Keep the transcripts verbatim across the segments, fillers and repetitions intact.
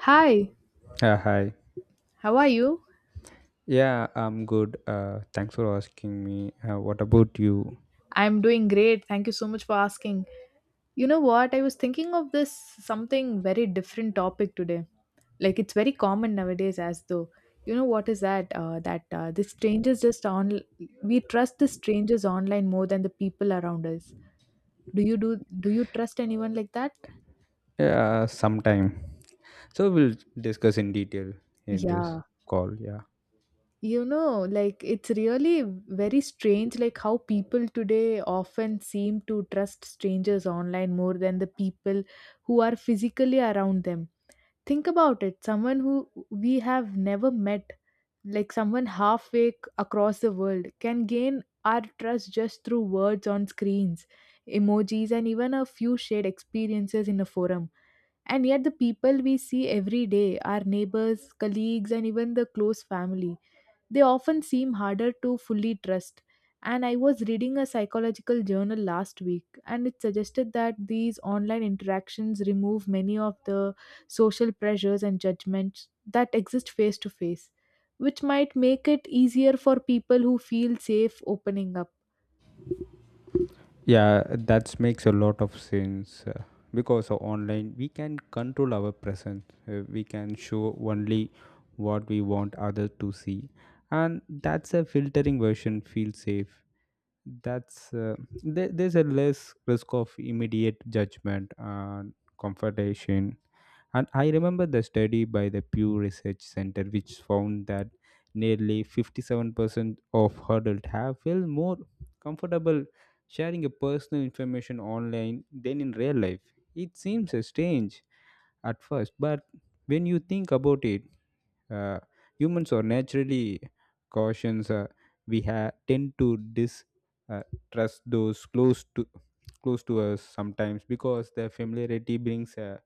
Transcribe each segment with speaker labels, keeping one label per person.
Speaker 1: Hi,
Speaker 2: Uh, hi.
Speaker 1: how are you?
Speaker 2: Yeah, I'm good. Uh, thanks for asking me. Uh, what about you?
Speaker 1: I'm doing great. Thank you so much for asking. You know what? I was thinking of this something very different topic today. Like it's very common nowadays, as though you know what is that? Uh, that uh, the strangers just on we trust the strangers online more than the people around us. Do you do? Do you trust anyone like that?
Speaker 2: Yeah, sometime. So we'll discuss in detail in this
Speaker 1: Yeah.
Speaker 2: call. Yeah.
Speaker 1: You know like it's really very strange like how people today often seem to trust strangers online more than the people who are physically around them. Think about it, someone who we have never met, like someone halfway c- across the world, can gain our trust just through words on screens, emojis, and even a few shared experiences in a forum. And yet the people we see every day, our neighbors, colleagues, and even the close family, they often seem harder to fully trust. And I was reading a psychological journal last week, and it suggested that these online interactions remove many of the social pressures and judgments that exist face to face, which might make it easier for people who feel safe opening up.
Speaker 2: Yeah, that makes a lot of sense uh, because of online we can control our presence. Uh, we can show only what we want others to see, and that's a filtering version. Feel safe. That's uh, there, there's a less risk of immediate judgment and confrontation. And I remember the study by the Pew Research Center, which found that nearly fifty-seven percent of adults have felt more comfortable sharing a personal information online than in real life. It seems uh, strange at first, but when you think about it, uh, humans are naturally cautious. Uh, we ha- tend to dis uh, trust those close to close to us sometimes because the familiarity brings a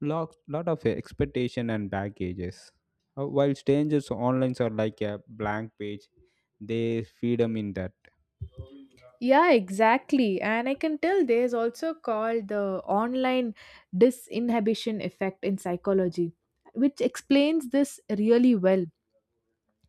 Speaker 2: lot, lot of expectation and baggages. Uh, While strangers online are like a blank page, they feed them in that.
Speaker 1: Yeah, exactly. And I can tell there's also called the online disinhibition effect in psychology, which explains this really well.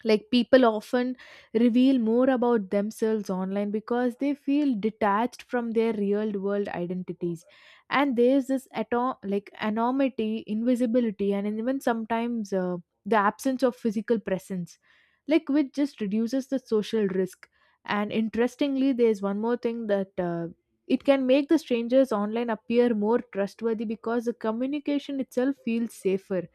Speaker 1: Like people often reveal more about themselves online because they feel detached from their real world identities, and there's this atom like anonymity, invisibility, and even sometimes uh, the absence of physical presence, like which just reduces the social risk. And interestingly, there's one more thing that uh, it can make the strangers online appear more trustworthy because the communication itself feels safer.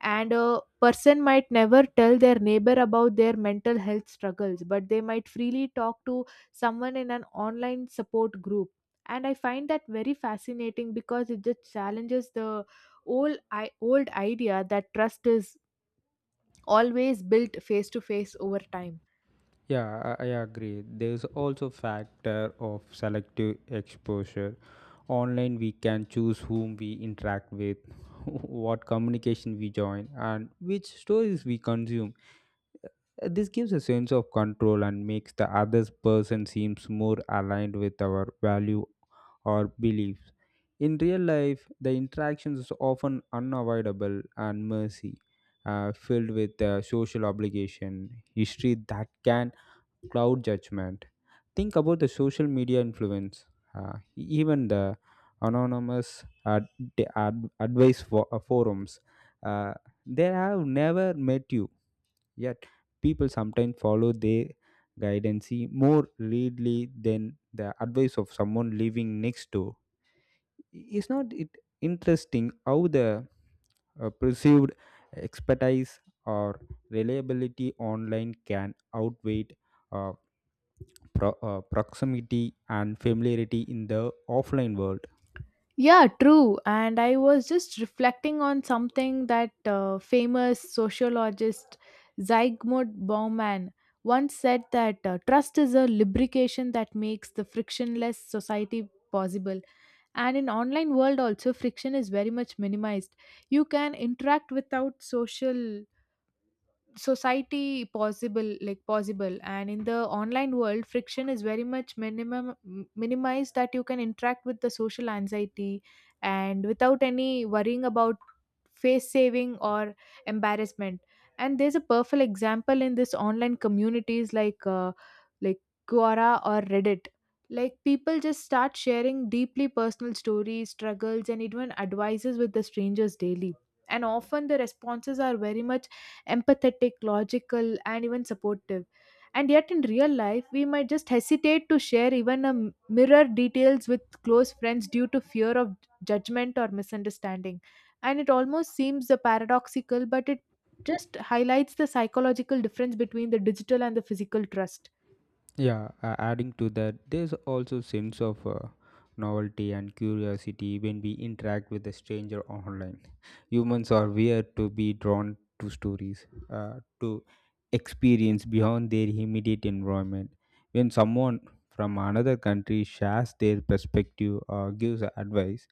Speaker 1: And a person might never tell their neighbor about their mental health struggles, but they might freely talk to someone in an online support group. And I find that very fascinating because it just challenges the old i old idea that trust is always built face to face over time.
Speaker 2: Yeah, I, I agree. There's also factor of selective exposure. Online, we can choose whom we interact with, what communication we join, and which stories we consume. This gives a sense of control and makes the other person seems more aligned with our value or beliefs. In real life, the interactions is often unavoidable and messy, uh, filled with uh, social obligation, history that can cloud judgment. Think about the social media influence, uh, even the anonymous ad- ad- advice for, forums. Uh, they have never met you. Yet, people sometimes follow their guidance more readily than the advice of someone living next door. Is not it interesting how the uh, perceived expertise or reliability online can outweigh uh, pro- uh, proximity and familiarity in the offline world?
Speaker 1: Yeah, true. And I was just reflecting on something that uh, famous sociologist Zygmunt Bauman once said, that uh, trust is a lubrication that makes the frictionless society possible. And in online world also friction is very much minimized. You can interact without social society possible like possible, and in the online world friction is very much minimum m- minimized, that you can interact with the social anxiety and without any worrying about face saving or embarrassment. And there's a perfect example in this online communities like uh, like Quora or Reddit. Like people just start sharing deeply personal stories, struggles, and even advices with the strangers daily, and often the responses are very much empathetic, logical, and even supportive. And yet, in real life, we might just hesitate to share even a m- mirror details with close friends due to fear of judgment or misunderstanding. And it almost seems the paradoxical, but it just highlights the psychological difference between the digital and the physical trust.
Speaker 2: Yeah, uh, adding to that, there's also sense of uh, novelty and curiosity when we interact with a stranger online. Humans are weird to be drawn to stories, uh, to experience beyond their immediate environment. When someone from another country shares their perspective or gives advice,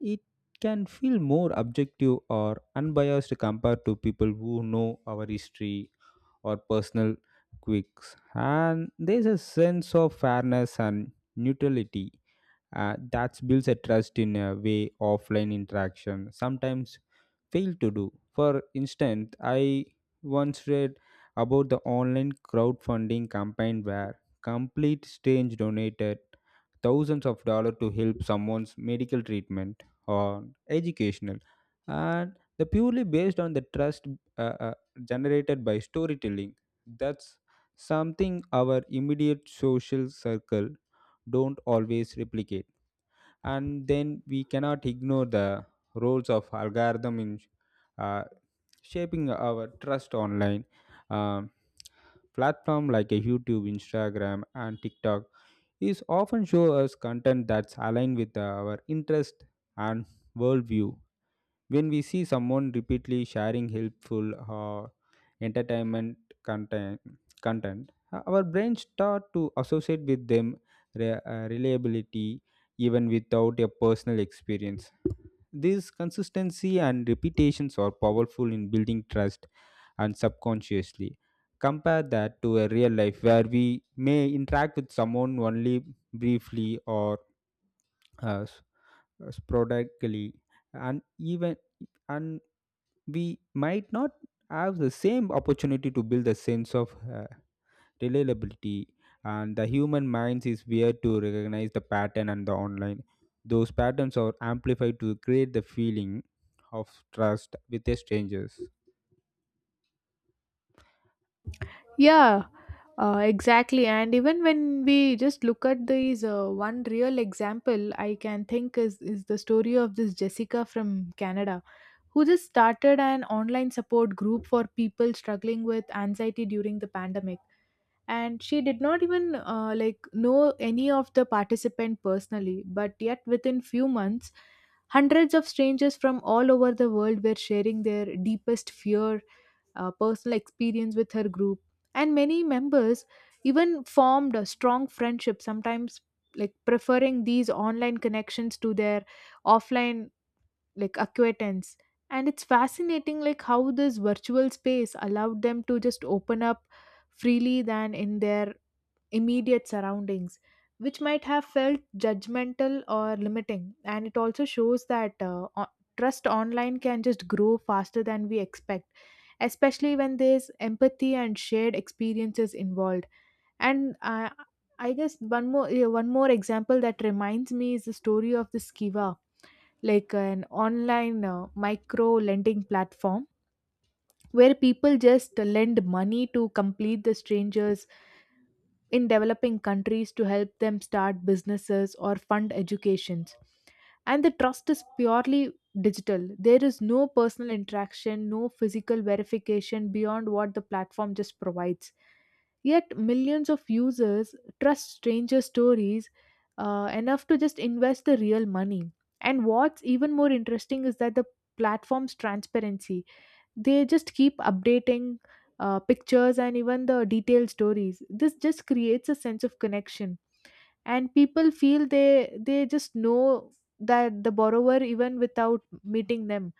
Speaker 2: it can feel more objective or unbiased compared to people who know our history or personal quirks. And there's a sense of fairness and neutrality uh, that builds a trust in a way offline interaction sometimes fail to do. For instance, I once read about the online crowdfunding campaign where complete strange donated thousands of dollars to help someone's medical treatment or educational and the purely based on the trust uh, uh, generated by storytelling. That's something our immediate social circle don't always replicate. And then we cannot ignore the roles of algorithm in uh, shaping our trust online. Um Platform like a YouTube, Instagram and TikTok is often show us content that's aligned with our interest and worldview. When we see someone repeatedly sharing helpful uh, entertainment content, content, uh, our brains start to associate with them re- uh, reliability even without a personal experience. This consistency and repetitions are powerful in building trust and subconsciously. Compare that to a real life where we may interact with someone only briefly or uh, s- sporadically, and even and we might not have the same opportunity to build a sense of uh, reliability. And the human minds is weird to recognize the pattern, and the online those patterns are amplified to create the feeling of trust with the strangers.
Speaker 1: Yeah, uh, exactly. And even when we just look at these uh, one real example, I can think is is the story of this Jessica from Canada, who just started an online support group for people struggling with anxiety during the pandemic. And she did not even uh, like know any of the participant personally, but yet within few months, hundreds of strangers from all over the world were sharing their deepest fear, uh, personal experience with her group. And many members even formed a strong friendship, sometimes like preferring these online connections to their offline like acquaintance. And it's fascinating like how this virtual space allowed them to just open up freely than in their immediate surroundings, which might have felt judgmental or limiting. And it also shows that uh, o- trust online can just grow faster than we expect, especially when there's empathy and shared experiences involved. And uh, I guess one more yeah, one more example that reminds me is the story of the Skiva, like an online uh, micro lending platform where people just lend money to complete the strangers in developing countries to help them start businesses or fund educations. And the trust is purely digital. There is no personal interaction, no physical verification beyond what the platform just provides. Yet millions of users trust stranger stories uh, enough to just invest the real money. And what's even more interesting is that the platform's transparency, they just keep updating uh, pictures and even the detailed stories. This just creates a sense of connection, and people feel they they just know that the borrower, even without meeting them.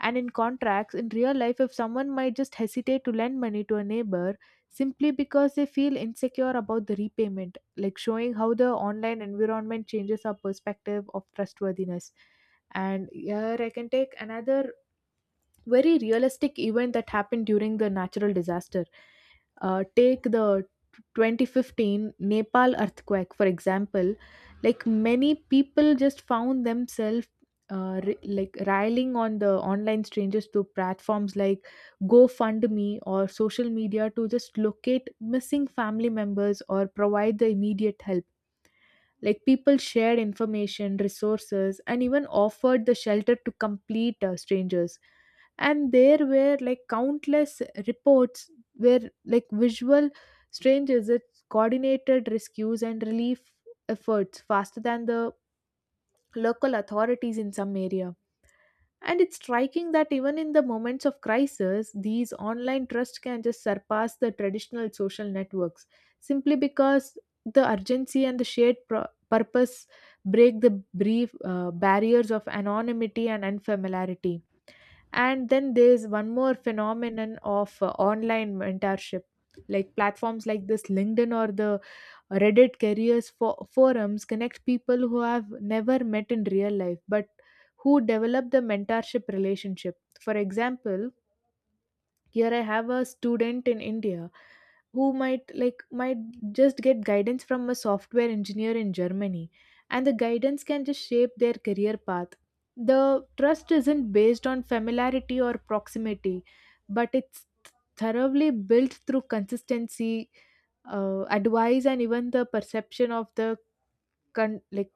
Speaker 1: And in contracts in real life, if someone might just hesitate to lend money to a neighbor simply because they feel insecure about the repayment, like showing how the online environment changes our perspective of trustworthiness. And here I can take another very realistic event that happened during the natural disaster. Uh, take the twenty fifteen Nepal earthquake, for example. Like many people just found themselves uh, ri like rallying on the online strangers to platforms like GoFundMe or social media to just locate missing family members or provide the immediate help. Like people shared information, resources, and even offered the shelter to complete uh, strangers. And there were like countless reports where like visual strangers it coordinated rescues and relief efforts faster than the local authorities in some area. And it's striking that even in the moments of crisis, these online trusts can just surpass the traditional social networks, simply because the urgency and the shared pro- purpose break the brief uh, barriers of anonymity and unfamiliarity. And then there's one more phenomenon of uh, online mentorship, like platforms like this LinkedIn or the Reddit careers for forums connect people who have never met in real life, but who develop the mentorship relationship. For example, here I have a student in India who might like might just get guidance from a software engineer in Germany, and the guidance can just shape their career path. The trust isn't based on familiarity or proximity, but it's thoroughly built through consistency, uh, advice, and even the perception of the con- like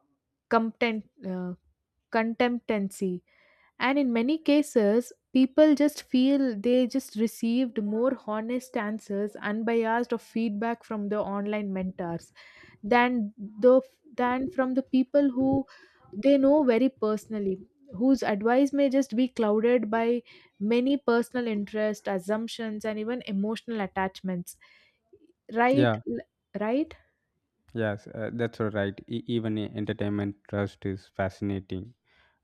Speaker 1: competent uh, contemptancy. And in many cases people just feel they just received more honest answers, unbiased of feedback from the online mentors than the than from the people who they know very personally, whose advice may just be clouded by many personal interest, assumptions, and even emotional attachments, right?
Speaker 2: Yeah.
Speaker 1: Right.
Speaker 2: Yes, uh, that's all right. E- even e- entertainment trust is fascinating.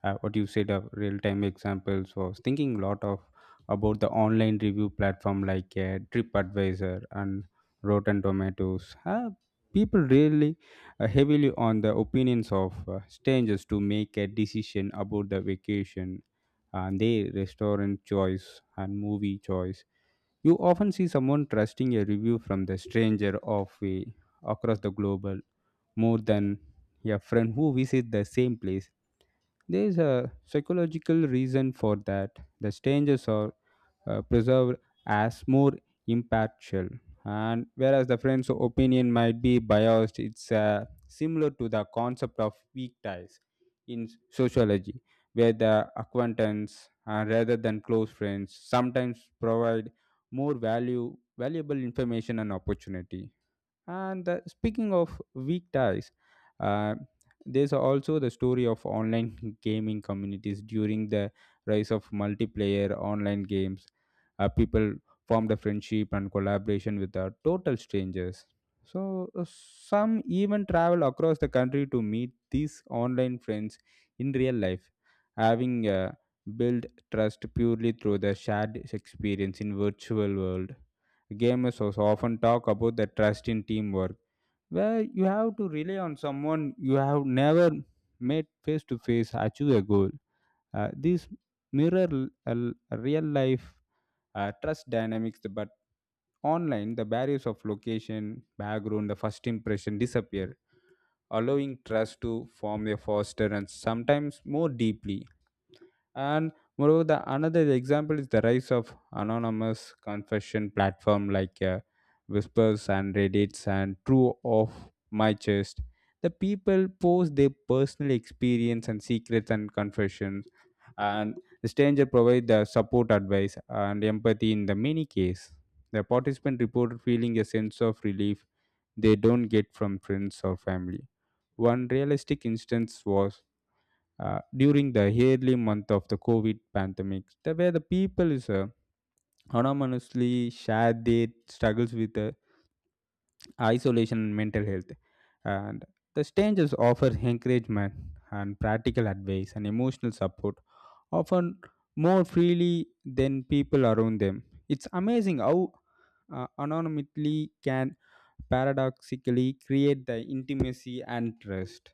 Speaker 2: Uh, what you said of real-time examples was thinking a lot of about the online review platform like uh, TripAdvisor and Rotten Tomatoes. Uh, people really uh, heavily on the opinions of uh, strangers to make a decision about the vacation and their restaurant choice and movie choice. You often see someone trusting a review from the stranger of a across the globe more than a friend who visits the same place. There is a psychological reason for that. The strangers are uh, preserved as more impartial, and whereas the friend's opinion might be biased. It's uh, similar to the concept of weak ties in sociology, where the acquaintance uh, rather than close friends sometimes provide more value valuable information and opportunity. And uh, speaking of weekdays, uh, there's also the story of online gaming communities during the rise of multiplayer online games. Uh, people formed a friendship and collaboration with uh, total strangers. So uh, some even travel across the country to meet these online friends in real life, having uh, built trust purely through the shared experience in virtual world. Gamers also often talk about the trust in teamwork, where you have to rely on someone you have never met face to face achieve a goal. Uh, these mirror l- uh, l- real life uh, trust dynamics, but online the barriers of location, background, the first impression disappear, allowing trust to form a foster and sometimes more deeply. And moreover, the another example is the rise of anonymous confession platform like uh, Whispers and Reddits and True of My Chest. The people post their personal experience and secrets and confessions, and the stranger provide the support, advice, and empathy in the many case. The participant reported feeling a sense of relief they don't get from friends or family. One realistic instance was uh, during the early month of the COVID pandemic, the, where the people is uh, anonymously share their struggles with uh, isolation and mental health. And the strangers offer encouragement and practical advice and emotional support, often more freely than people around them. It's amazing how uh, anonymity can paradoxically create the intimacy and trust.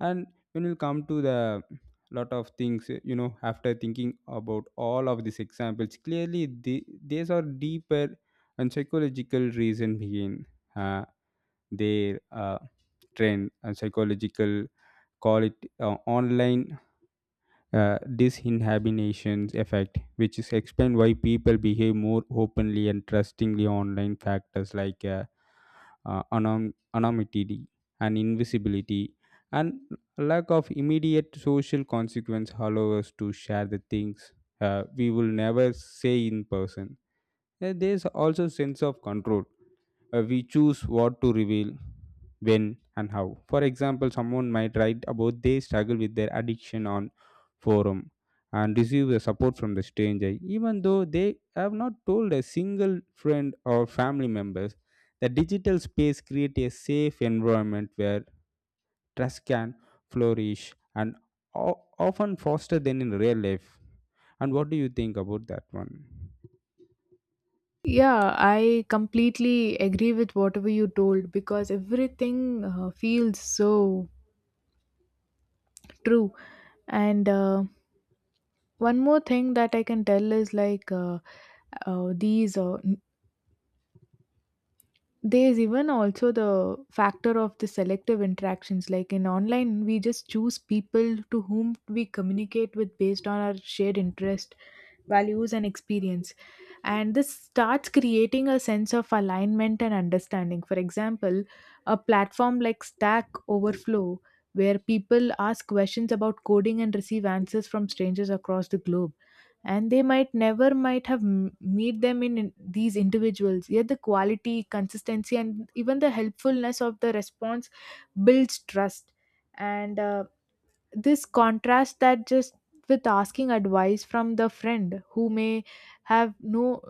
Speaker 2: And when you come to the lot of things you know after thinking about all of these examples, clearly the, these are deeper and psychological reason behind uh, their uh, trend. And psychological, call it uh, online uh, disinhibitions effect, which is explained why people behave more openly and trustingly online. Factors like uh, uh, anom- anonymity and invisibility and lack of immediate social consequence allow us to share the things uh, we will never say in person. Uh, There's also sense of control. Uh, we choose what to reveal, when, and how. For example, someone might write about they struggle with their addiction on forum and receive the support from the stranger, even though they have not told a single friend or family members. The digital space creates a safe environment where trust can flourish and o- often faster than in real life. And what do you think about that one?
Speaker 1: Yeah, I completely agree with whatever you told, because everything uh, feels so true. And uh, one more thing that I can tell is like uh, uh, these uh, there's even also the factor of the selective interactions. Like in online we just choose people to whom we communicate with based on our shared interest, values, and experience. And this starts creating a sense of alignment and understanding. For example, a platform like Stack Overflow, where people ask questions about coding and receive answers from strangers across the globe, and they might never might have m- meet them in, in these individuals, yet the quality, consistency, and even the helpfulness of the response builds trust. And uh, this contrast that just with asking advice from the friend who may have no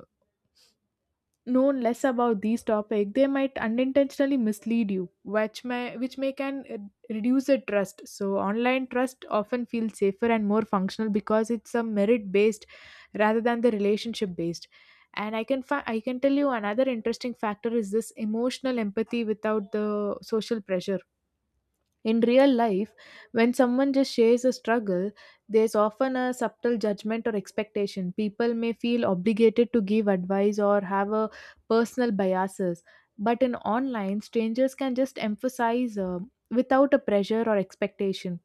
Speaker 1: known less about these topics, they might unintentionally mislead you, which may which may can uh, reduce the trust. So online trust often feels safer and more functional because it's a merit based rather than the relationship based. And I can fi- I can tell you another interesting factor is this emotional empathy without the social pressure. In real life, when someone just shares a struggle, there's often a subtle judgment or expectation. People may feel obligated to give advice or have a personal biases. But in online, strangers can just emphasize uh, without a pressure or expectation.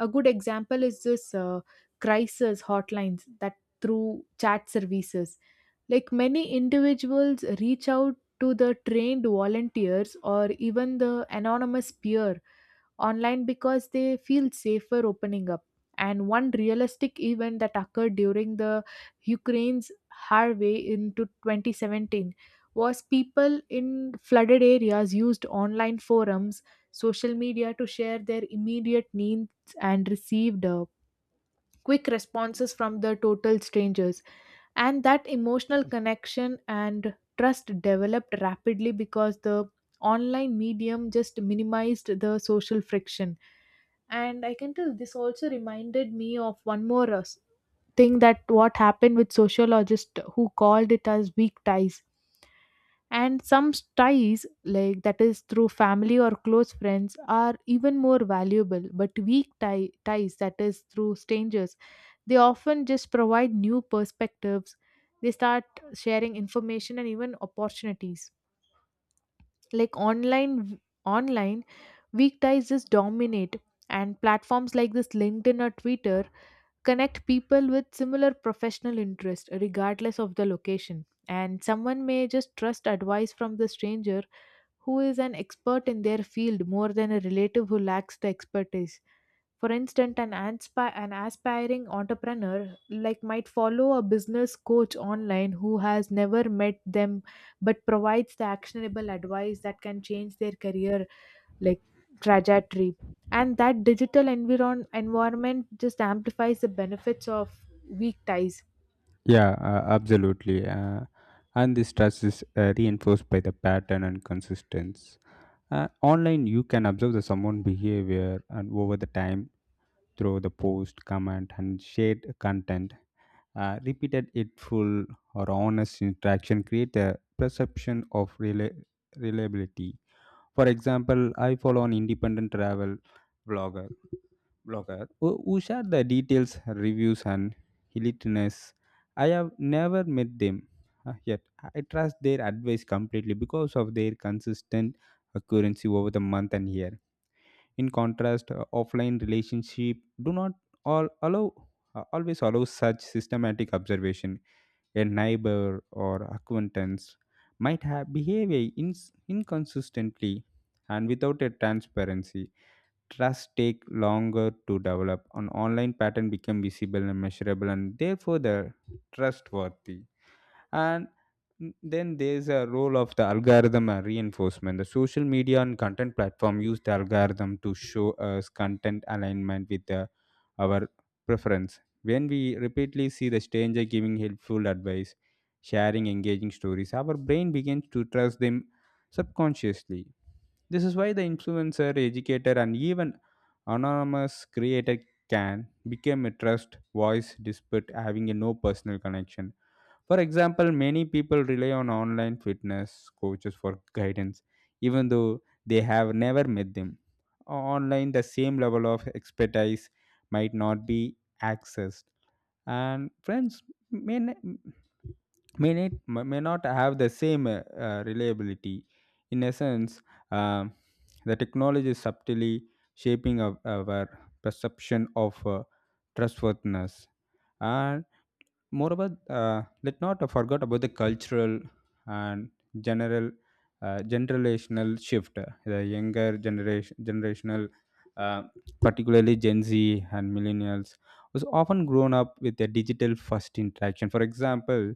Speaker 1: A good example is this uh, crisis hotlines that through chat services. Like many individuals reach out to the trained volunteers or even the anonymous peer online because they feel safer opening up. And one realistic event that occurred during the Ukraine's Harvey into twenty seventeen was people in flooded areas used online forums, social media to share their immediate needs and received uh, quick responses from the total strangers. And that emotional connection and trust developed rapidly because the online medium just minimized the social friction. And I can tell this also reminded me of one more uh, s- thing that what happened with sociologist who called it as weak ties. And some ties like that is through family or close friends are even more valuable, but weak tie, ties that is through strangers, they often just provide new perspectives. They start sharing information and even opportunities. Like online online weak ties just dominate. And platforms like this LinkedIn or Twitter connect people with similar professional interest regardless of the location, and someone may just trust advice from the stranger who is an expert in their field more than a relative who lacks the expertise. For instance, an, anspi- an aspiring entrepreneur like might follow a business coach online who has never met them but provides the actionable advice that can change their career like trajectory. And that digital environ- environment just amplifies the benefits of weak ties.
Speaker 2: Yeah, uh, absolutely. Uh, and this trust is uh, reinforced by the pattern and consistency. Uh, online, you can observe the someone behavior and over the time through the post, comment, and shared content. Uh, repeated full or honest interaction create a perception of rela- reliability. For example, I follow an independent travel blogger blogger who, who share the details, reviews, and hilarious. I have never met them uh, yet. I trust their advice completely because of their consistent accuracy over the month and year. In contrast, uh, offline relationship do not all allow uh, always allow such systematic observation. A neighbor or acquaintance might have behaved ins inconsistently and without a transparency. Trust take longer to develop an online pattern become visible and measurable and therefore the trustworthy. And then there's a role of the algorithm and reinforcement. The social media and content platform use the algorithm to show us content alignment with the, our preference. When we repeatedly see the stranger giving helpful advice, sharing engaging stories, our brain begins to trust them subconsciously. This is why the influencer, educator and even anonymous creator can become a trust voice despite having a no personal connection. For example, many people rely on online fitness coaches for guidance, even though they have never met them. Online, the same level of expertise might not be accessed, and friends may, n- may, not, may not have the same uh, uh, reliability. In essence, uh, the technology is subtly shaping our, our perception of uh, trustworthiness. And moreover, uh, let not forget about the cultural and general uh, generational shift. The younger generation, generational, uh, particularly Gen Z and millennials, was often grown up with a digital first interaction. For example,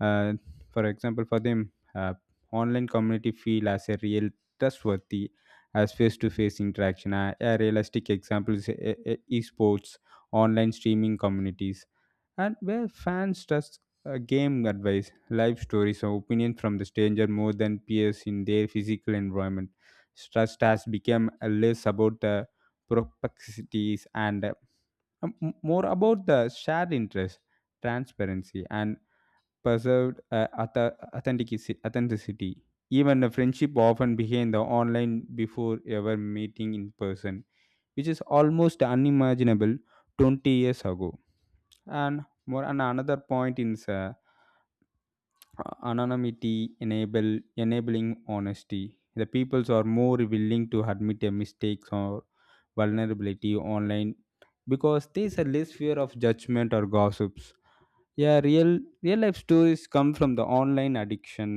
Speaker 2: uh, for example, for them, uh, online community feel as a real trustworthy as face-to-face interaction. A, a realistic example is uh, uh, esports, online streaming communities and where fans trust uh, game advice, life stories, or opinions from the stranger more than peers in their physical environment. Trust has become uh, less about the perplexities and uh, m- more about the shared interest, transparency, and preserved uh, auth- authenticity. Authenticity. Even the friendship often began the online before ever meeting in person, which is almost unimaginable twenty years ago. And more and another point is uh, anonymity enable enabling honesty. The peoples are more willing to admit their mistakes or vulnerability online because there's a less fear of judgment or gossips. Yeah, real real life stories come from the online addiction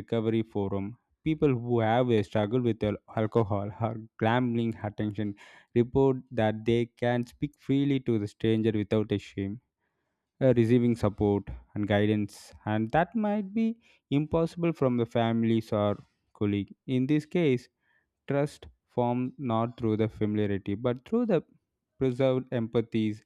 Speaker 2: recovery forum. People who have a struggle with al- alcohol or gambling attention report that they can speak freely to the stranger without a shame, uh, receiving support and guidance, and that might be impossible from the families or colleague. In this case, trust formed not through the familiarity but through the preserved empathies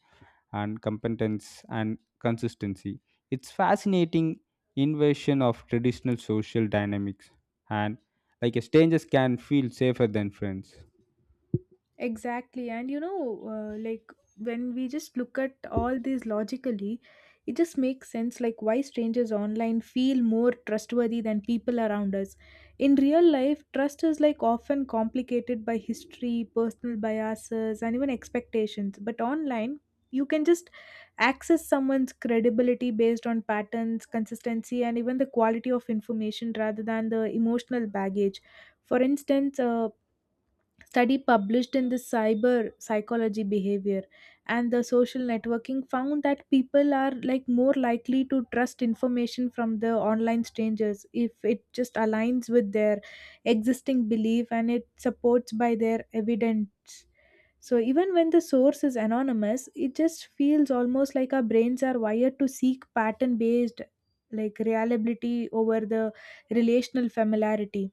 Speaker 2: and competence and consistency. It's fascinating inversion of traditional social dynamics, and like a strangers can feel safer than friends.
Speaker 1: Exactly. And you know, uh, like when we just look at all these logically, it just makes sense like why strangers online feel more trustworthy than people around us. In real life, trust is like often complicated by history, personal biases, and even expectations. But online, you can just access someone's credibility based on patterns, consistency, and even the quality of information rather than the emotional baggage. For instance, uh, study published in the cyber psychology behavior and the social networking found that people are like more likely to trust information from the online strangers if it just aligns with their existing belief and it supports by their evidence. So even when the source is anonymous, it just feels almost like our brains are wired to seek pattern based like reliability over the relational familiarity.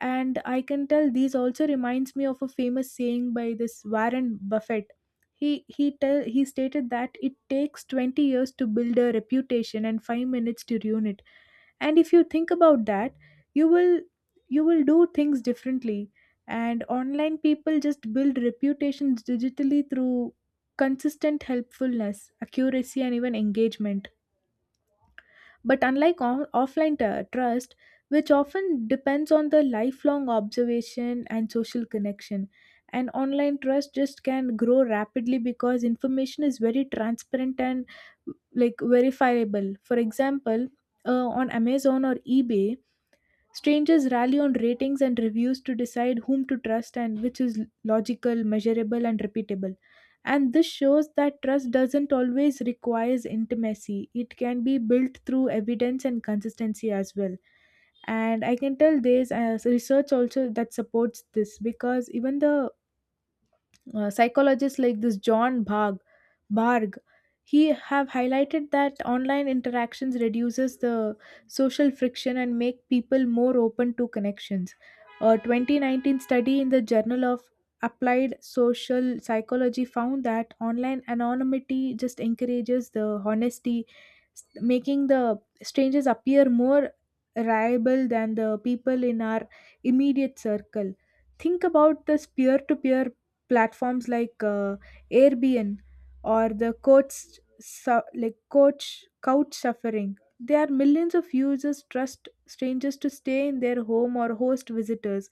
Speaker 1: And I can tell these also reminds me of a famous saying by this Warren Buffett. He he tell he stated that it takes twenty years to build a reputation and five minutes to ruin it, and if you think about that, you will you will do things differently. And online, people just build reputations digitally through consistent helpfulness, accuracy, and even engagement, but unlike on- offline t- trust, which often depends on the lifelong observation and social connection, and online trust just can grow rapidly because information is very transparent and like verifiable. For example, uh, on Amazon or eBay, strangers rally on ratings and reviews to decide whom to trust and which is logical, measurable, and repeatable. And this shows that trust doesn't always requires intimacy, it can be built through evidence and consistency as well. And I can tell there's uh, research also that supports this because even the uh, psychologist like this john bhag Barg. He have highlighted that online interactions reduces the social friction and make people more open to connections. A twenty nineteen study in the Journal of Applied Social Psychology found that online anonymity just encourages the honesty, s- making the strangers appear more reliable than the people in our immediate circle. Think about this peer-to-peer platforms like uh, Airbnb or the coach su- like coach couch suffering. There are millions of users trust strangers to stay in their home or host visitors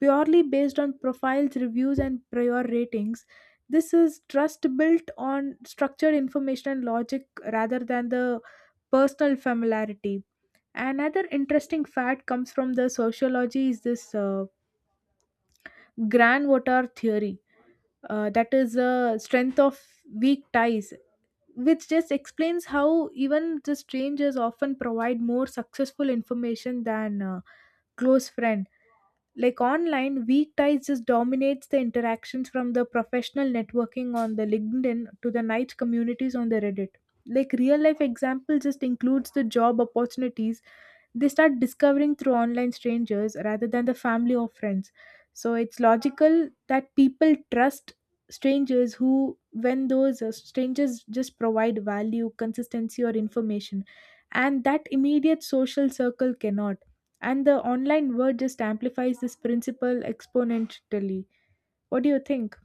Speaker 1: purely based on profiles, reviews, and prior ratings. This is trust built on structured information and logic rather than the personal familiarity. Another interesting fact comes from the sociology is this uh, grand water theory. Uh, that is a strength of weak ties, which just explains how even the strangers often provide more successful information than uh, close friends. Like online weak ties just dominates the interactions from the professional networking on the LinkedIn to the niche communities on the Reddit. Like real life example just includes the job opportunities they start discovering through online strangers rather than the family or friends. So it's logical that people trust strangers who when those uh, strangers just provide value, consistency, or information, and that immediate social circle cannot. And the online world just amplifies this principle exponentially. What do you think?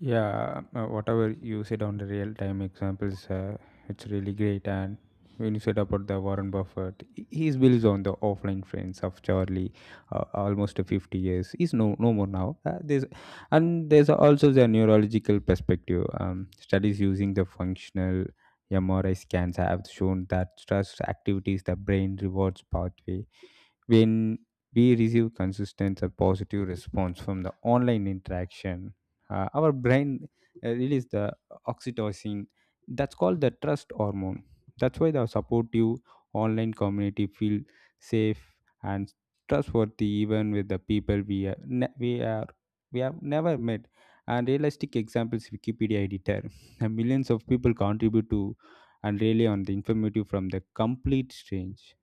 Speaker 2: Yeah, uh, whatever you said on the real time examples, uh, it's really great. And when you said about the Warren Buffett, he he believes on the offline friends of Charlie, uh, almost fifty years. He's no no more now. Uh, there's, and there's also the neurological perspective. Um, studies using the functional M R I scans have shown that stress activates the brain rewards pathway. When we receive consistent or positive response from the online interaction, uh, our brain uh, release the oxytocin. That's called the trust hormone. That's why the supportive online community feel safe and trustworthy, even with the people we are ne- we are we have never met. And realistic examples, Wikipedia editor and millions of people contribute to and rely on the informative from the complete strange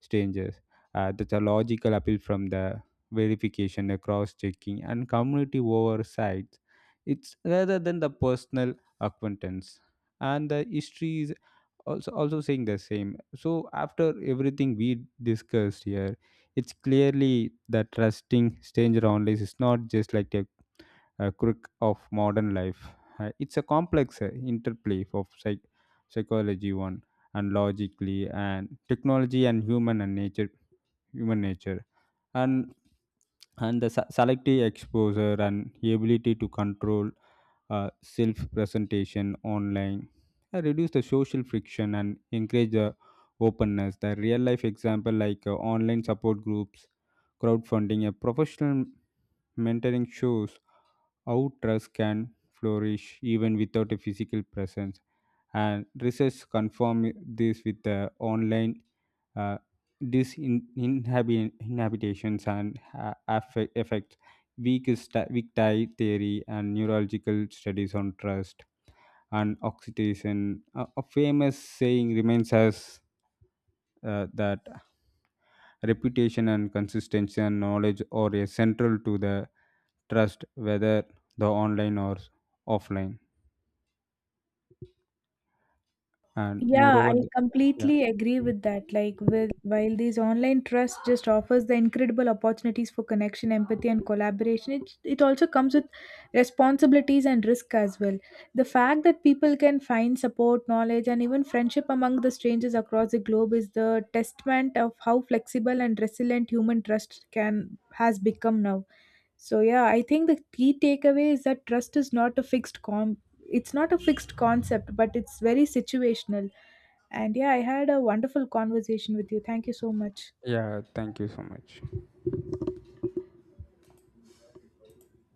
Speaker 2: strangers. Uh, that's a logical appeal from the verification, the cross-checking, and community oversight. It's rather than the personal acquaintance. And the history is also also saying the same. So after everything we discussed here, it's clearly that trusting stranger online is not just like a a crook of modern life. Uh, it's a complex uh, interplay of psych- psychology one and logically and technology and human and nature human nature and and the se- selective exposure and ability to control uh, self presentation online uh, reduce the social friction and encourage the openness. The real life example like uh, online support groups, crowdfunding, a professional mentoring shows how trust can flourish even without a physical presence. And research confirm this with the online uh, disinhabitations and ha- affect, effect, weak, st- weak tie theory, and neurological studies on trust and oxytocin. A, a famous saying remains as uh, that reputation and consistency and knowledge are a central to the trust, whether the online or offline. And
Speaker 1: Yeah,
Speaker 2: moreover,
Speaker 1: I
Speaker 2: the- yeah,
Speaker 1: completely agree with that. Like with while these online trust just offers the incredible opportunities for connection, empathy, and collaboration, it it also comes with responsibilities and risk as well. The fact that people can find support, knowledge, and even friendship among the strangers across the globe is the testament of how flexible and resilient human trust can has become now. So yeah, I think the key takeaway is that trust is not a fixed con it's not a fixed concept, but it's very situational. And yeah, I had a wonderful conversation with you. Thank you so much.
Speaker 2: yeah, thank you so much.